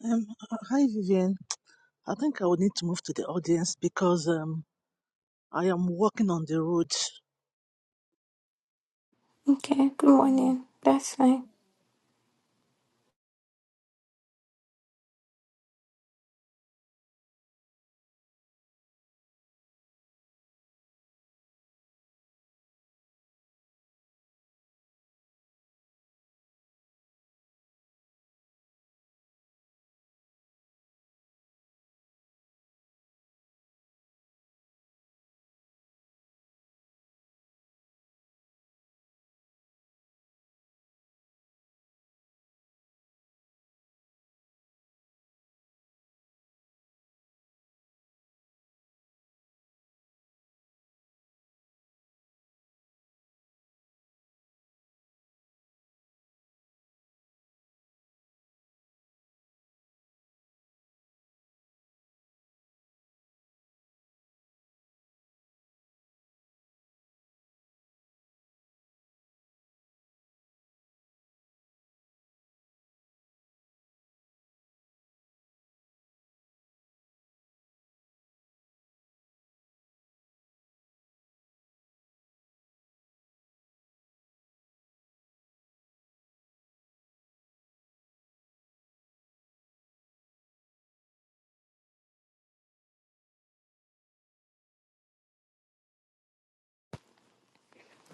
Um, uh, hi, Vivian. I think I would need to move to the audience because um, I am walking on the road. Okay, good morning. That's fine.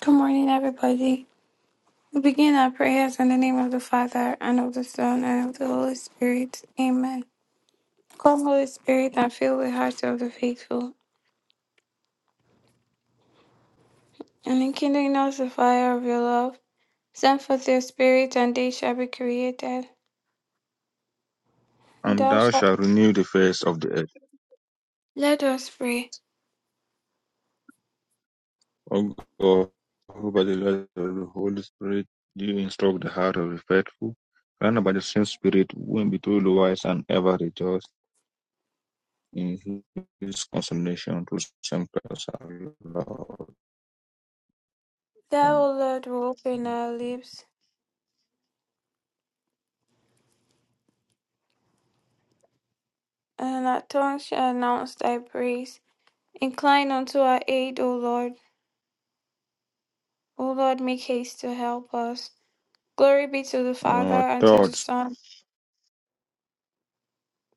Good morning, everybody. We begin our prayers in the name of the Father, and of the Son, and of the Holy Spirit. Amen. Come, Holy Spirit, and fill the hearts of the faithful, and enkindle in us the fire of your love. Send forth your Spirit, and they shall be created. And And thou thou shalt shalt renew the face of the earth. let us pray. O God, who by the light of the Holy Spirit do instruct the heart of the faithful, grant by the same Spirit we may be truly wise and ever rejoice in his consolation through St. Christ our Lord. Thou, O Lord, will open our lips, and our tongues shall announce thy praise. Incline unto our aid, O Lord. O Lord, make haste to help us. Glory be to the And Father, our and to the thoughts, Son.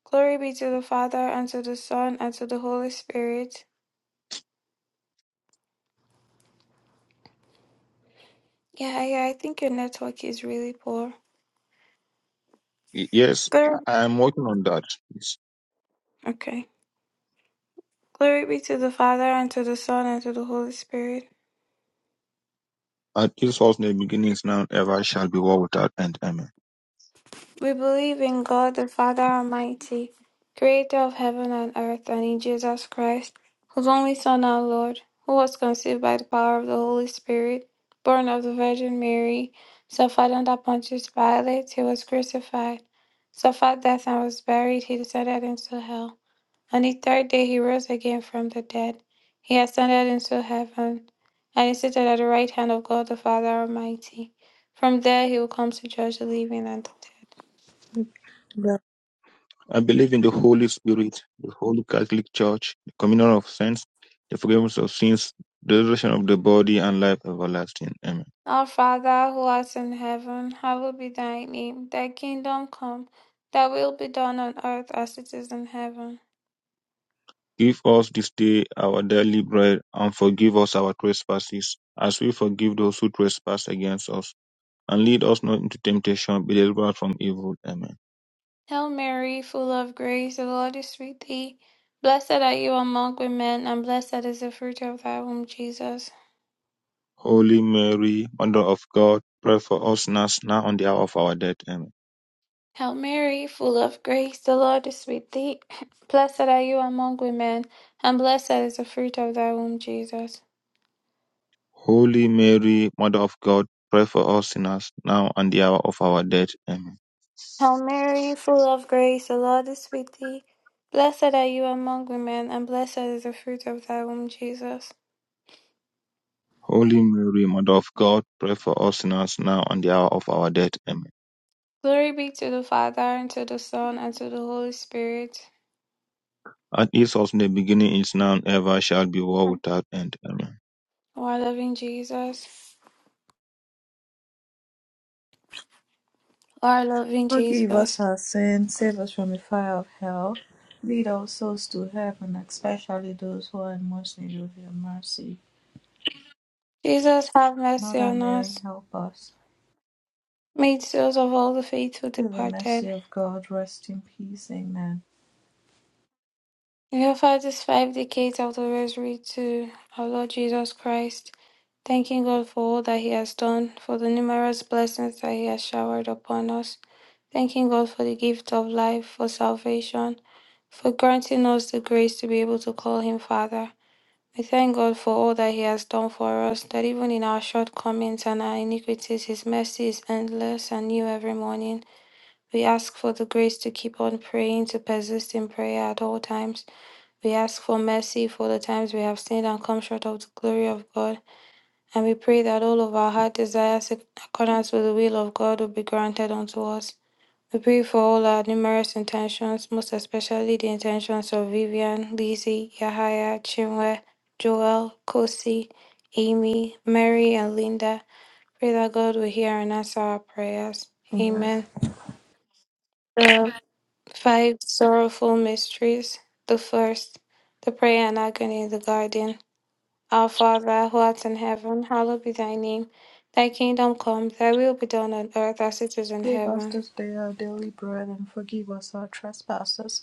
Glory be to the Father, and to the Son, and to the Holy Spirit. Yeah, yeah, I think your network is really poor. yes, I Glory. am working on that. Okay. Glory be to the Father, and to the Son, and to the Holy Spirit. At his false name beginnings now ever shall be war without end. Amen. We believe in God the Father Almighty, creator of heaven and earth, and in Jesus Christ, whose only Son, our Lord, who was conceived by the power of the Holy Spirit, born of the Virgin Mary, suffered under Pontius Pilate, he was crucified, suffered death and was buried, he descended into hell. On the third day he rose again from the dead. He ascended into heaven, and is seated at the right hand of God the Father Almighty. From there he will come to judge the living and the dead. Lord, I believe in the Holy Spirit, the Holy Catholic Church, the communion of saints, the forgiveness of sins, the resurrection of the body, and life everlasting. Amen. Our Father who art in heaven, hallowed be thy name. Thy kingdom come, thy will be done on earth as it is in heaven. Give us this day our daily bread, and forgive us our trespasses, as we forgive those who trespass against us. And lead us not into temptation, but deliver us from evil. Amen. Hail Mary, full of grace, the Lord is with thee. Blessed are you among women, and blessed is the fruit of thy womb, Jesus. Holy Mary, Mother of God, pray for us sinners now and the hour of our death. Amen. Hail Mary, full of grace, the Lord is with thee. Blessed are you among women, and blessed is the fruit of thy womb, Jesus. Holy Mary, Mother of God, pray for us sinners now and the hour of our death. Amen. Hail Mary, full of grace, the Lord is with thee. Blessed are you among women, and blessed is the fruit of thy womb, Jesus. Holy Mary, Mother of God, pray for us sinners now and the hour of our death. Amen. Glory be to the Father, and to the Son, and to the Holy Spirit. As it was in the beginning, is now, and ever shall be, world Amen. without end. Amen. O our loving Jesus, O our loving forgive us Jesus. our sins, save us from the fire of hell, lead all souls to heaven, especially those who are in most need of your mercy. Jesus, have mercy Mother on Mary, us. help us. Made souls of all the faithful Through the mercy departed. of God, rest in peace. Amen. We offer these five decades of the rosary to our Lord Jesus Christ. thanking God for all that He has done, for the numerous blessings that He has showered upon us, thanking God for the gift of life, for salvation, for granting us the grace to be able to call Him Father. We thank God for all that He has done for us, that even in our shortcomings and our iniquities, His mercy is endless and new every morning. We ask for the grace to keep on praying, to persist in prayer at all times. We ask for mercy for the times we have sinned and come short of the glory of God. And we pray that all of our heart desires in accordance with the will of God will be granted unto us. We pray for all our numerous intentions, most especially the intentions of Vivian, Lizzie, Yahaya, Chinwe, Joel, Kosi, Amy, Mary, and Linda. Pray that God will hear and answer our prayers. Amen. Amen. The five sorrowful mysteries. The first, the prayer and agony in the garden. Our Father, who art in heaven, hallowed be thy name. Thy kingdom come, thy will be done on earth as it is in Give us heaven. this day our daily bread, and forgive us our trespasses,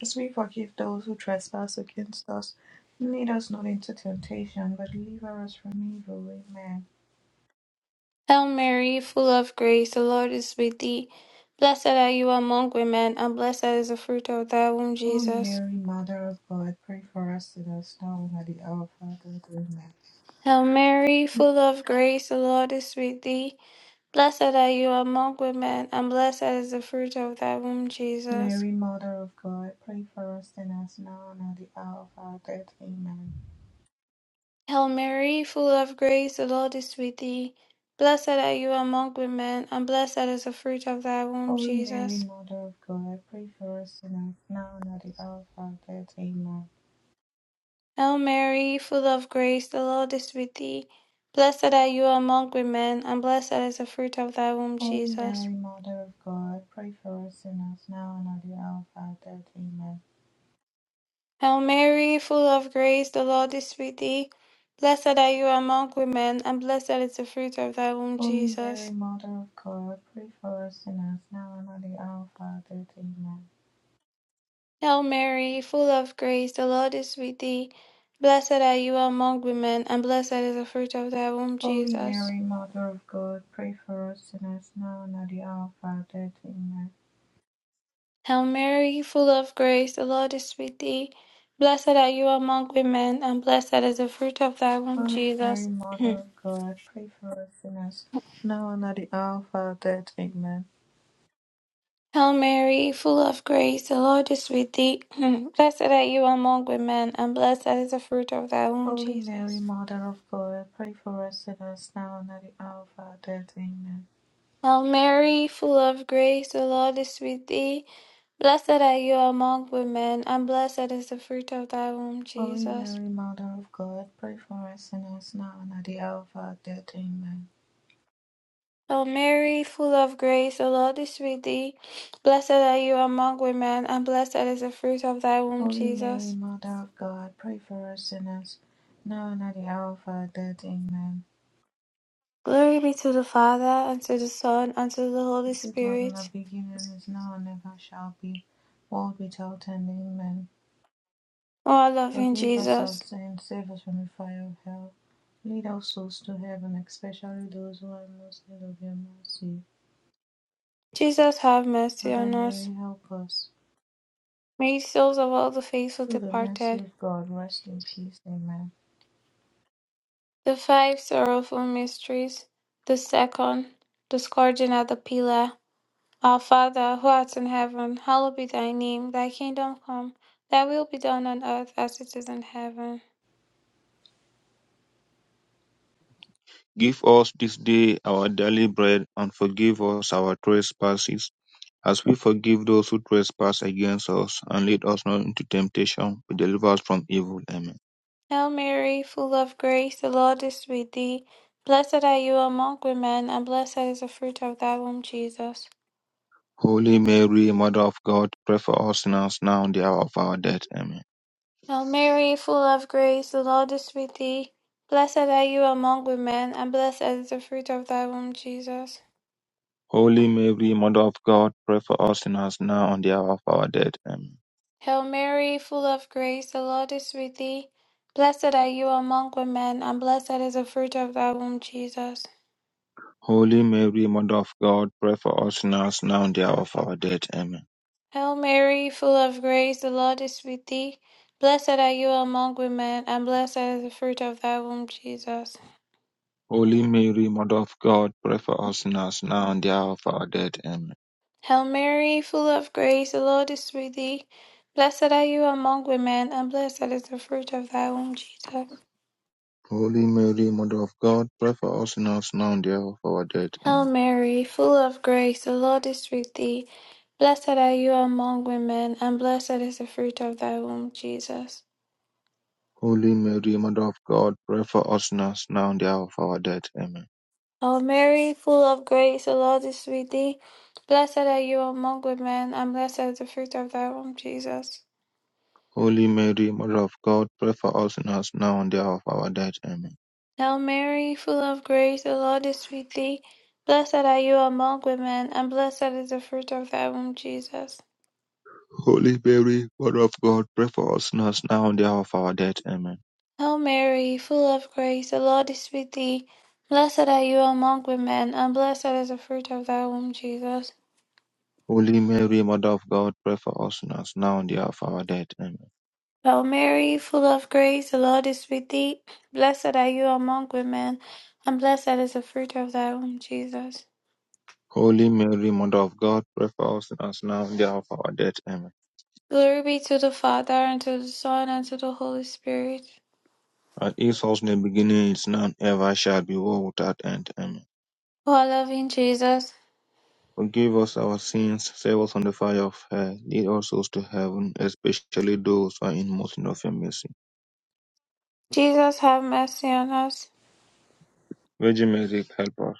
as we forgive those who trespass against us. And Lead us not into temptation, but deliver us from evil. Amen. Hail Mary, full of grace, the Lord is with thee. Blessed are you among women, and blessed is the fruit of thy womb, Holy Jesus. Mary, Mother of God, pray for us sinners, now and at the hour of our death. Amen. Hail Mary, full of grace, the Lord is with thee. Blessed are you among women, and blessed is the fruit of thy womb, Jesus. Mary, Mother of God, pray for us sinners, now and at the hour of our death. Amen. Hail Mary, full of grace, the Lord is with thee. Blessed are you among women, and blessed is the fruit of thy womb, Holy Mary, Jesus. Mother of God, pray for us sinners, now and at the hour of our death. Amen. Hail Mary, full of grace, the Lord is with thee. Blessed are you among women, and blessed is the fruit of thy womb, Holy Jesus. Mary, Mother of God, pray for us sinners now and at the hour of our death. Amen. Hail Mary, full of grace, the Lord is with thee. Blessed are you among women, and blessed is the fruit of thy womb, Holy Jesus. Mary, Mother of God, pray for us sinners now and at the hour of our death. Amen. Hail Mary, full of grace, the Lord is with thee. Blessed are you among women, and blessed is the fruit of thy womb, Holy Jesus. Mary, Mother of God, pray for us sinners now and at the hour of our death. Amen. Hail Mary, full of grace, the Lord is with thee. Blessed are you among women, and blessed is the fruit of thy womb, Holy Mary, Jesus. Mother of God, pray for us sinners now and at the hour of our death. Amen. Hail Mary, full of grace, the Lord is with thee. blessed are you among women, and blessed is the fruit of thy womb, Holy Mary, Jesus. Mother of God, pray for us sinners now and at the hour of our death. Amen. Hail Mary, full of grace, the Lord is with thee. Blessed are you among women, and blessed is the fruit of thy womb, Holy Jesus. Mary, Mother of God, pray for us sinners now and at the hour of our death. Amen. O Mary, full of grace, the Lord is with thee. Blessed are you among women, and blessed is the fruit of thy womb, Holy Mary, Jesus. Mother of God, pray for us sinners now and at the hour of our death. Amen. Glory be to the Father, and to the Son, and to the Holy As it was in the Spirit. beginning, is now, and ever shall be, world without end. Amen. O our loving Forgive us our Jesus, sins, save us from the fire of hell. Lead our souls to heaven, especially those who are in most need of your mercy. Jesus, have mercy Mother on us. Mary, help us. May the souls of all the faithful Through the mercy departed, of God, rest in peace. Amen. the five sorrowful mysteries, the second, the scourging at the pillar. Our Father, who art in heaven, hallowed be thy name. Thy kingdom come, thy will be done on earth as it is in heaven. Give us this day our daily bread, and forgive us our trespasses, as we forgive those who trespass against us, and lead us not into temptation, but deliver us from evil. Amen. Hail Mary, full of grace, the Lord is with thee. Blessed are you among women, and blessed is the fruit of thy womb, Jesus. Holy Mary, Mother of God, pray for us sinners now and the hour of our death. Amen. Hail Mary, full of grace, the Lord is with thee. Blessed are you among women, and blessed is the fruit of thy womb, Jesus. Holy Mary, Mother of God, pray for us sinners now and the hour of our death. Amen. Hail Mary, full of grace, the Lord is with thee. Blessed are you among women, and blessed is the fruit of thy womb, Jesus. Holy Mary, Mother of God, pray for us sinners now and the hour of our death. Amen. Hail Mary, full of grace, the Lord is with thee. Blessed are you among women, and blessed is the fruit of thy womb, Jesus. Holy Mary, Mother of God, pray for us sinners now and the hour of our death. Amen. Hail Mary, full of grace, the Lord is with thee. Blessed are you among women, and blessed is the fruit of thy womb, Jesus. Holy Mary, Mother of God, pray for us sinners now and the hour of our death. Hail Amen. Mary, full of grace, the Lord is with thee. Blessed are you among women, and blessed is the fruit of thy womb, Jesus. Holy Mary, Mother of God, pray for us sinners now and the hour of our death. Amen. O Mary, full of grace, the Lord is with thee. Blessed are you among women, and blessed is the fruit of thy womb, Jesus. Holy Mary, Mother of God, pray for us sinners now and the hour of our death. Amen. Hail Mary, full of grace, the Lord is with thee. Blessed are you among women, and blessed is the fruit of thy womb, Jesus. Holy Mary, Mother of God, pray for us sinners now and the hour of our death. Amen. Hail Mary, full of grace, the Lord is with thee. Blessed are you among women, and blessed is the fruit of thy womb, Jesus. Holy Mary, Mother of God, pray for us sinners now and the hour of our death. Amen. Hail Mary, full of grace, the Lord is with thee. Blessed are you among women, and blessed is the fruit of thy womb, Jesus. Holy Mary, Mother of God, pray for us sinners now and the hour of our death. Amen. Glory be to the Father, and to the Son, and to the Holy Spirit. As it was in the beginning, is now, and ever shall be, world without end. Amen. O our loving Jesus, Forgive us our sins, save us from the fire of hell, lead us souls to heaven, especially those who are in most need of your mercy. Jesus, have mercy on us. Virgin Mary, help us.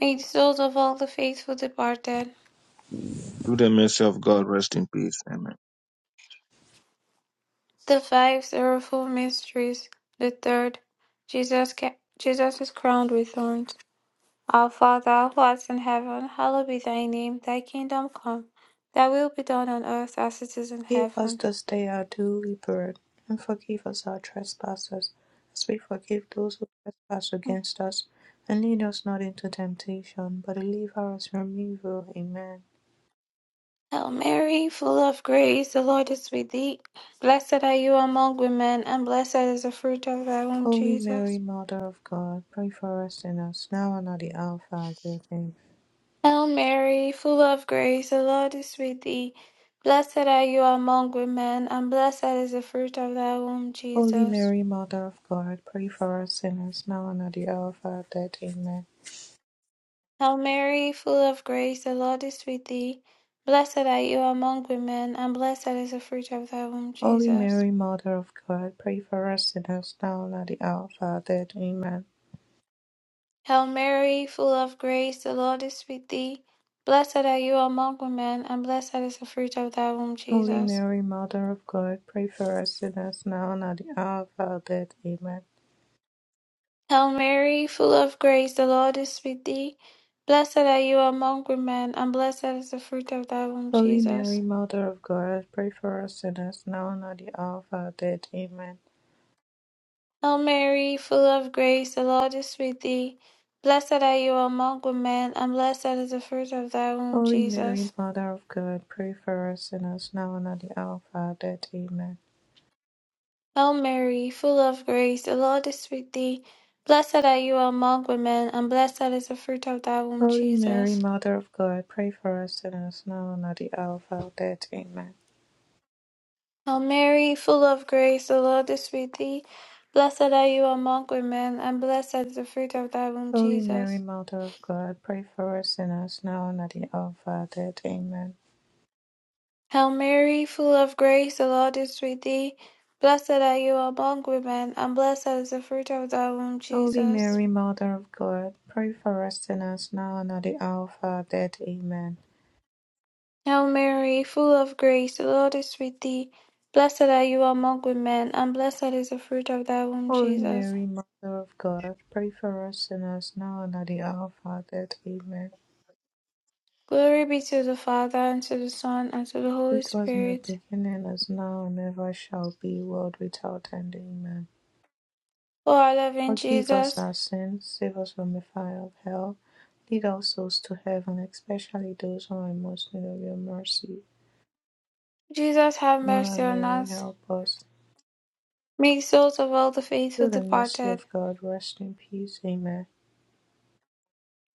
May the souls of all the faithful departed, Through the mercy of God, rest in peace. Amen. the five sorrowful mysteries, the third, Jesus, Jesus is crowned with thorns. Our Father, who art in heaven, hallowed be thy name. Thy kingdom come, thy will be done on earth as it is in Give us heaven. this day our daily bread, and forgive us our trespasses, as we forgive those who trespass against us. And lead us not into temptation, but deliver us from evil. Amen. Hail Mary, full of grace, the Lord is with thee. Blessed are you among women, and blessed is the fruit of thy womb, Holy Mary, Jesus. Mother of God, pray for us sinners, now and at the hour of our death. Amen. Hail Mary, full of grace, the Lord is with thee. Blessed are you among women, and blessed is the fruit of thy womb, Holy Jesus. Mary, Mother of God, pray for us sinners, now and at the hour of our death. Amen. Hail Mary, full of grace, the Lord is with thee. Blessed are you among women, and blessed is the fruit of thy womb, Holy Jesus. Mary, Mother of God, pray for us sinners, now and at the hour of our death. Amen. Hail Mary, full of grace, the Lord is with thee. Blessed are you among women, and blessed is the fruit of thy womb, Holy Jesus. Mary, Mother of God, pray for us sinners now and at the hour of our death. Amen. Hail Mary, full of grace, the Lord is with thee. Blessed are you among women, and blessed is the fruit of thy womb, Holy Jesus. Mary, Mother of God, pray for us sinners now and at the hour of our death. Amen. Hail Mary, full of grace, the Lord is with thee. Blessed are you among women, and blessed is the fruit of thy womb, Holy Mary, Jesus. Mother of God, pray for us sinners now and at the hour of our death. Amen. Hail Mary, full of grace, the Lord is with thee. Blessed are you among women, and blessed is the fruit of thy womb, Holy Mary, Jesus. Mother of God, pray for us sinners now and at the hour of our death. Amen. Hail Mary, full of grace, the Lord is with thee. Blessed are you among women, and blessed is the fruit of thy womb, Holy Mary, Jesus. Mother of God, pray for us sinners now and at the hour of our death. Amen. Hail Mary, full of grace, the Lord is with thee. Blessed are you among women, and blessed is the fruit of thy womb, Holy Jesus. Mary, Mother of God, pray for us sinners now and at the hour of our death. Amen. Hail Mary, full of grace, the Lord is with thee. Blessed are you among women, and blessed is the fruit of thy womb, Holy Jesus. Mary, Mother of God, pray for us sinners now and at the hour of our death. Amen. Glory be to the Father, and to the Son, and to the Holy It was in the Spirit. beginning, as now and ever shall be, world without end. Amen. O our loving Forgive us Jesus, our sins, save us from the fire of hell, lead all souls to heaven, especially those who are in most need of your mercy. Jesus, have Mother mercy on Mary, us. help us. Make souls of all the faithful Through the mercy departed, of God, rest in peace. Amen.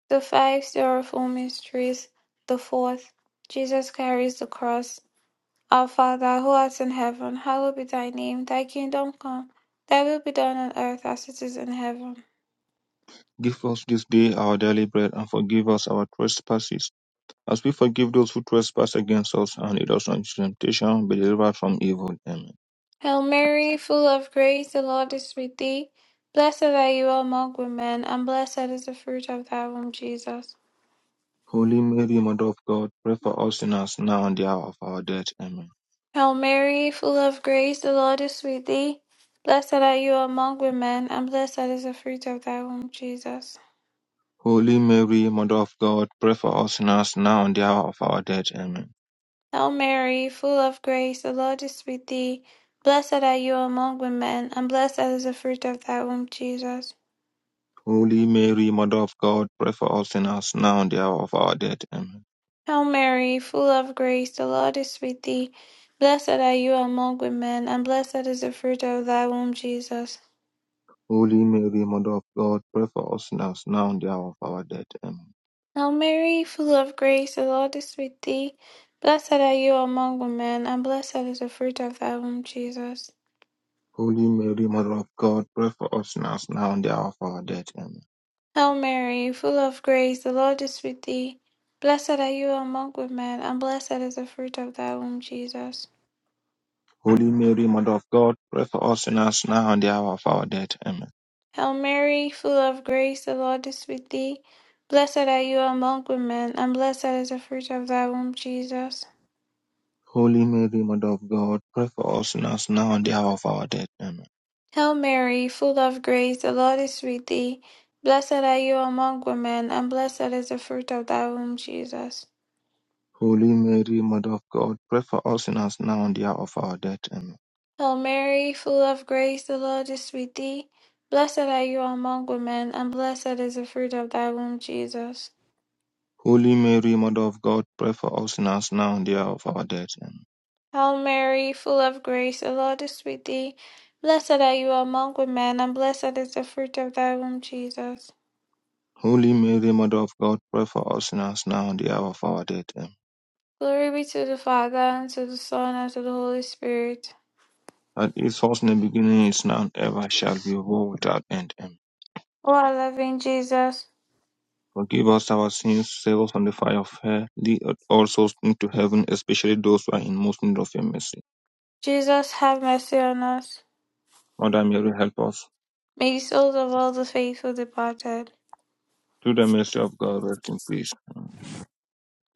The five Sorrowful Mysteries The fourth, Jesus carries the cross. Our Father, who art in heaven, hallowed be thy name. Thy kingdom come, thy will be done on earth as it is in heaven. Give us this day our daily bread, and forgive us our trespasses As we forgive those who trespass against us and lead us not into temptation, but deliver us from evil. Amen. Hail Mary, full of grace, the Lord is with thee. Blessed are you among women, and blessed is the fruit of thy womb, Jesus. Holy Mary, Mother of God, pray for us sinners now and the hour of our death. Amen. Hail Mary, full of grace, the Lord is with thee. Blessed are you among women, and blessed is the fruit of thy womb, Jesus. Holy Mary, Mother of God, pray for us sinners now and the hour of our death. Amen. Hail Mary, full of grace, the Lord is with thee. Blessed are you among women, and blessed is the fruit of thy womb, Jesus. Holy Mary, Mother of God, pray for us sinners now and the hour of our death. Amen. Hail Mary, full of grace, the Lord is with thee. Blessed are you among women, and blessed is the fruit of thy womb, Jesus. Holy Mary, Mother of God, pray for us sinners now and the hour of our death. Amen. Hail Mary, full of grace, the Lord is with thee. Blessed are you among women, and blessed is the fruit of thy womb, Jesus. Holy Mary, Mother of God, pray for us sinners now and the hour of our death. Amen. Hail Mary, full of grace, the Lord is with thee. Blessed are you among women, and blessed is the fruit of thy womb, Jesus. Holy Mary, Mother of God, pray for us sinners now and the hour of our death. Amen. Hail Mary, full of grace, the Lord is with thee. Blessed are you among women, and blessed is the fruit of thy womb, Jesus. Holy Mary, Mother of God, pray for us sinners now and the hour of our death. Amen. Hail Mary, full of grace, the Lord is with thee. Blessed are you among women, and blessed is the fruit of thy womb, Jesus. Holy Mary, Mother of God, pray for us sinners now and the hour of our death. Amen. Hail Mary, full of grace, the Lord is with thee. Blessed are you among women, and blessed is the fruit of thy womb, Jesus. Holy Mary, Mother of God, pray for us sinners now and the hour of our death. Amen. Hail Mary, full of grace, the Lord is with thee. Blessed are you among women, and blessed is the fruit of thy womb, Jesus. Holy Mary, Mother of God, pray for us sinners now and the hour of our death. Amen. Glory be to the Father, and to the Son, and to the Holy Spirit. That is was in the beginning, is now, and ever shall be, world without end. Amen. O our loving Jesus, Forgive us our sins, save us from the fire of hell, lead all souls into heaven, especially those who are in most need of your mercy. Jesus, have mercy on us. Mother Mary, help us. May the souls of all the faithful departed, Through the mercy of God, rest in peace.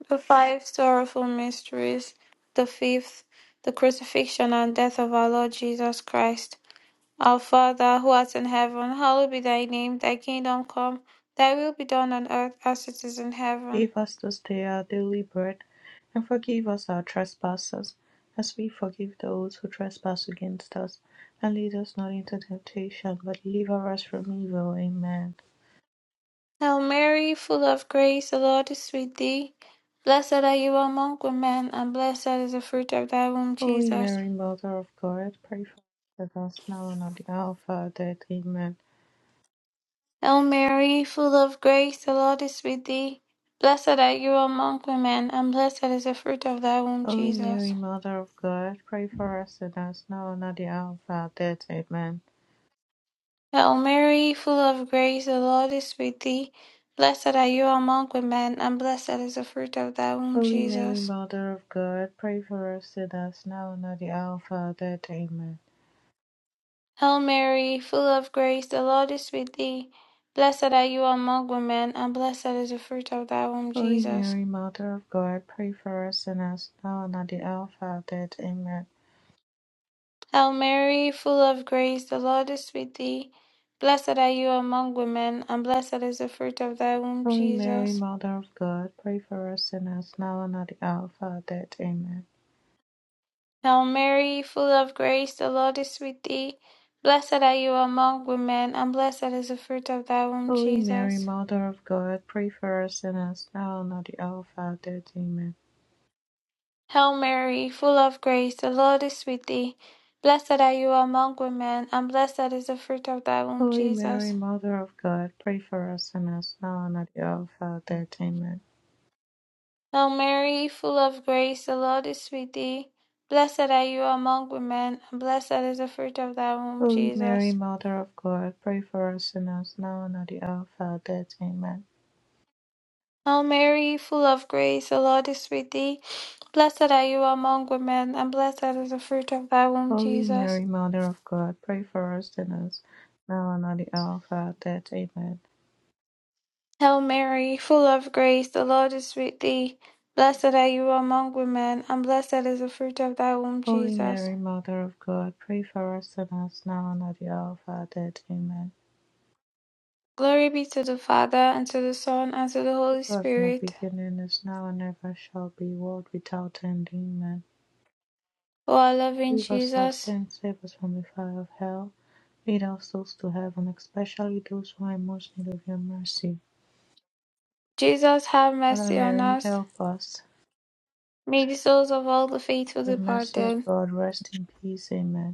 The five sorrowful mysteries, the fifth, the crucifixion and death of our Lord Jesus Christ. Our Father, who art in heaven, hallowed be thy name, thy kingdom come, thy will be done on earth as it is in heaven. Give us this day our daily bread, and forgive us our trespasses, as we forgive those who trespass against us. And lead us not into temptation, but deliver us from evil. Amen. Hail Mary, full of grace, the Lord is with thee. Blessed are you among women, and blessed is the fruit of thy womb, Holy Jesus. Mary, Mother of God, pray for us sinners, now and at the hour of our death. Amen. Hail Mary, full of grace, the Lord is with thee. Blessed are you among women, and blessed is the fruit of thy womb, Holy Jesus. Mary, Mother of God, pray for us sinners, now and at the hour of our death. Amen. Hail Mary, full of grace, the Lord is with thee. Blessed are you among women, and blessed is the fruit of thy womb, Holy Mary, Jesus. Mother of God, pray for us sinners, now and at the hour of our death. Amen. Hail Mary, full of grace, the Lord is with thee. Blessed are you among women, and blessed is the fruit of thy womb, Holy Jesus. Mary, Mother of God, pray for us sinners, now and at the hour of our death. Amen. Hail Mary, full of grace, the Lord is with thee. Blessed are you among women, and blessed is the fruit of thy womb, Holy Jesus. Mary, Mother of God, pray for us sinners, now and at the hour of our death. Amen. Hail Mary, full of grace, the Lord is with thee. Blessed are you among women, and blessed is the fruit of thy womb, Holy Mary, Jesus. Mother of God, pray for us sinners, now and at the hour of our death. Amen. Hail Mary, full of grace, the Lord is with thee. Blessed are you among women, and blessed is the fruit of thy womb, Holy Mary, Jesus. Mother of God, pray for us sinners, now and at the hour of our death. Amen. Hail Mary, full of grace, the Lord is with thee. Blessed are you among women, and blessed is the fruit of thy womb, Holy Mary, Jesus. Mother of God, pray for us sinners, now and at the hour of our death. Amen. Hail Mary, full of grace, the Lord is with thee. Blessed are you among women, and blessed is the fruit of thy womb, Holy Jesus. Mary, Mother of God, pray for us sinners, now and at the hour of our death. Amen. Hail Mary, full of grace, the Lord is with thee. Blessed are you among women, and blessed is the fruit of thy womb, Holy Jesus. Mary, Mother of God, pray for us sinners, now and at the hour of our death. Amen. Glory be to the Father, and to the Son, and to the It Holy was in the Spirit. beginning, is now, and ever shall be, world without end. Amen. O our loving Leave us our Jesus, sins, save us from the fire of hell. Lead our souls to heaven, especially those who are in most need of your mercy. Jesus, have Mother mercy on Mary, us. help us. May the souls of all the faithful The mercy of departed. God, rest in peace. Amen.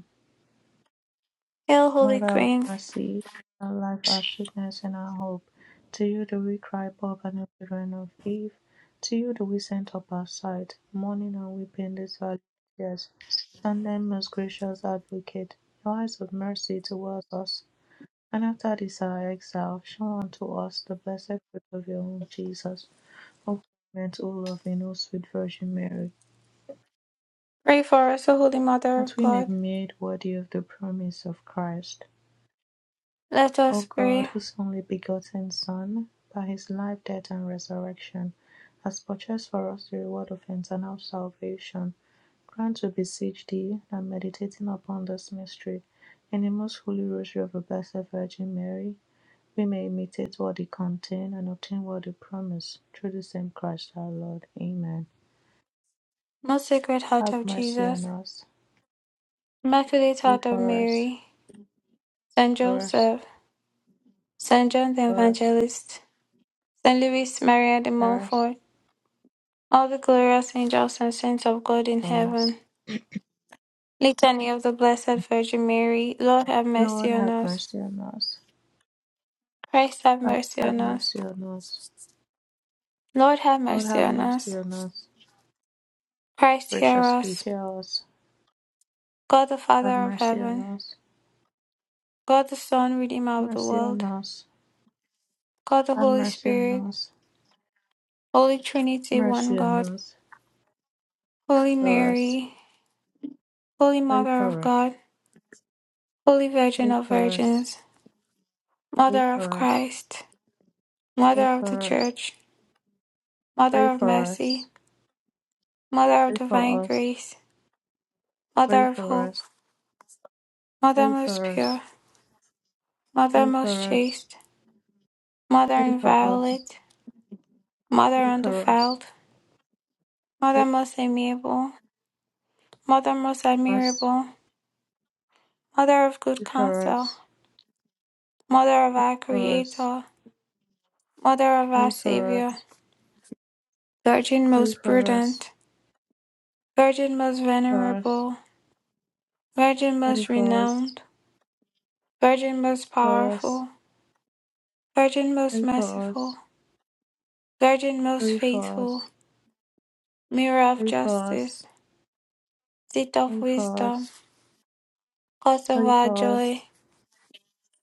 Hail, Holy Mother of Queen, mercy, our life, our sweetness, and our hope. To you do we cry, poor and children of Eve. To you do we send up our sight, mourning and weeping these valley of tears. Turn then, most gracious advocate, your eyes of mercy towards us, and after this our exile, show unto us the blessed fruit of your womb, Jesus. O clement, O loving, O sweet Virgin Mary, pray for us, O Holy Mother that of we may God. be made worthy of the promise of Christ. Let O us God, pray. whose only begotten Son, by his life, death, and resurrection, has purchased for us the reward of eternal salvation, grant, we beseech thee, that meditating upon this mystery, in the most holy rosary of the Blessed Virgin Mary, we may imitate what it contain and obtain what it promise through the same Christ our Lord. Amen. Most Sacred Heart Have of mercy on Jesus, us. Immaculate Pray Heart of for us, Mary, Saint for us, Joseph, Saint John the for us, Evangelist, Saint Louis Maria de for us, Montfort, all the glorious angels and saints of God in for us. heaven, Litany of the Blessed Virgin Mary, Lord have Lord, mercy on have us. mercy on us. Christ have Lord, mercy have on us. mercy on us. Lord have Lord, mercy have on us. mercy on us. Christ hear Graciously us. hear us. God the Have Father of mercy on heaven, us. God the Son, Redeemer of the Mercy on world, us. God the Have Holy mercy on Spirit, us. Holy Trinity, one Mercy on God. us. Holy For us. Mary, Holy Pray Mother of for us. God, Holy Virgin Pray of for us. Virgins, Pray Mother of for us. Christ, Mother Pray of the for us. Church, Pray Mother of for us. Mercy, Mother of Pray for Divine us. Grace, Pray Mother of for Hope, us. Mother Pray most pure, Mother for most us. chaste, Mother Pray for us. inviolate, Mother Pray for us. undefiled, Pray Mother most amiable, Mother most for us. admirable, Mother of good Pray for counsel, us. Mother of Pray our for us. Creator, Mother of our Pray for us. Pray for Savior, us. Virgin Pray most for us. prudent, Virgin most Pray venerable, Virgin Pray most Pray renowned, Virgin most Pray powerful, Virgin most merciful, Virgin most faithful, Mirror of justice, Seat of wisdom, Cause of Pray our for joy,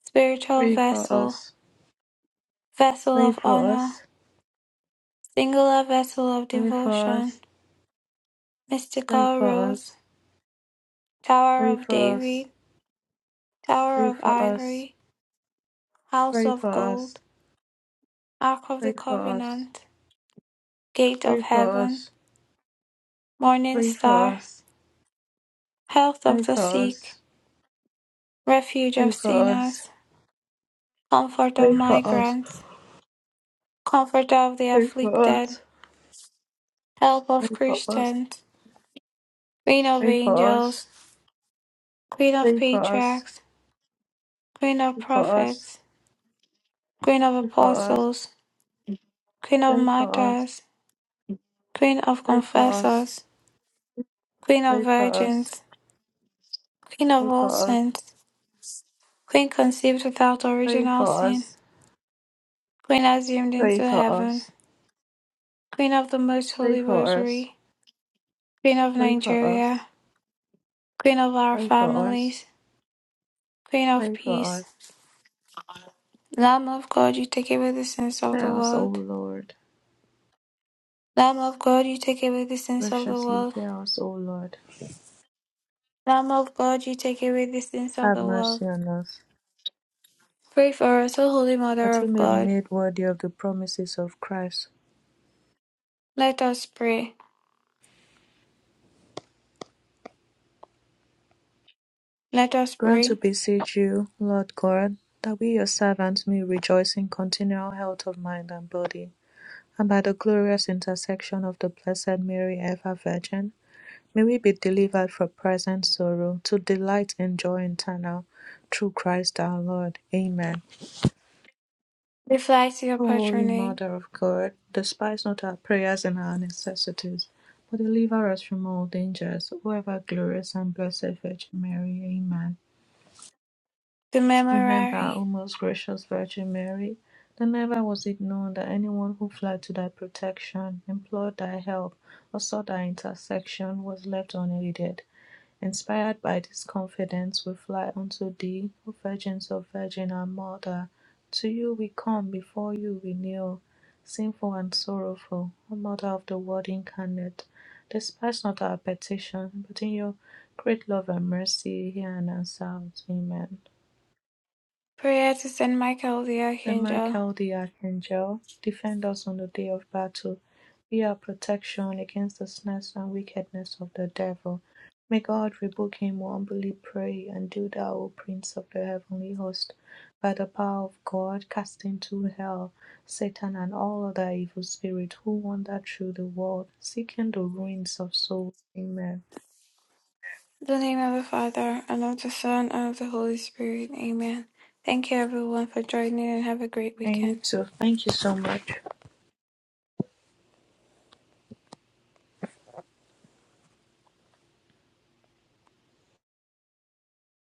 Spiritual for for vessel, us, Vessel pray for us. pray for us. pray for us. pray for us. pray of for honor, us. Singular vessel of Pray for us. devotion, Pray Mystical for us. rose, Tower Pray of David, Tower of for us. Pray for us. ivory, House Pray of for us. gold, Ark of Pray the for us. covenant, Gate Pray of for us. heaven, Morning Pray for us. star, Health Pray of the for sick, us. Refuge Pray of for us. sinners, comfort of Pray for us. migrants, comfort of the Pray for us. afflicted, help Pray of for us. Pray for us. Christians, Queen of Pray angels, Queen of for us. patriarchs, Queen of Pray for us. prophets, Queen of Pray for us, apostles, Queen of pray for us, martyrs, Queen of pray for us, confessors, Queen of pray for us, virgins, Queen of pray for all us, saints, Queen conceived without pray original for sin, us, Queen assumed pray into for heaven, us, Queen of the Most pray Holy for us, Rosary, Queen of pray for Nigeria, us, Queen of our pray for us, families, Queen of pray for peace, us. Lamb of God, you take away the sins of Hear the us, O world. Lord. Lamb of God, you take away the sins of the Graciously world. hear us, O Lord. Lamb of God, you take away the sins of Have the world. mercy on us, Pray for us, O Holy Mother that we of may be God. made worthy of the promises of Christ. Let us pray. Let us Grant, we pray. beseech you, Lord God, that we your servants may rejoice in continual health of mind and body and by the glorious intercession of the Blessed Mary, ever Virgin, may we be delivered from present sorrow to delight in joy eternal, through Christ our Lord. Amen. We fly to your O Holy patronage, Mother of God, despise not our prayers and our necessities, but deliver us from all dangers, O ever glorious and blessed Virgin Mary. Amen. the Remember, memorare. O most gracious Virgin Mary, that never was it known that anyone who fled to thy protection, implored thy help, or sought thy intercession was left unaided. Inspired by this confidence, we fly unto thee, O Virgin of Virgin, our Mother. To you we come, before you we kneel, sinful and sorrowful, O Mother of the Word incarnate. Despise not our petition, but in your great love and mercy, hear and answer us. Amen. Prayer to Saint Michael the Saint Archangel. Michael the Archangel, defend us on the day of battle. Be our protection against the snares and wickedness of the devil. May God rebuke him, we humbly pray, and do thou, O Prince of the heavenly host, by the power of God, cast into hell Satan and all other evil spirits who wander through the world, seeking the ruins of souls. Amen. In the name of the Father, and of the Son, and of the Holy Spirit. Amen. Thank you, everyone, for joining, and have a great And you weekend. too. Thank you so much.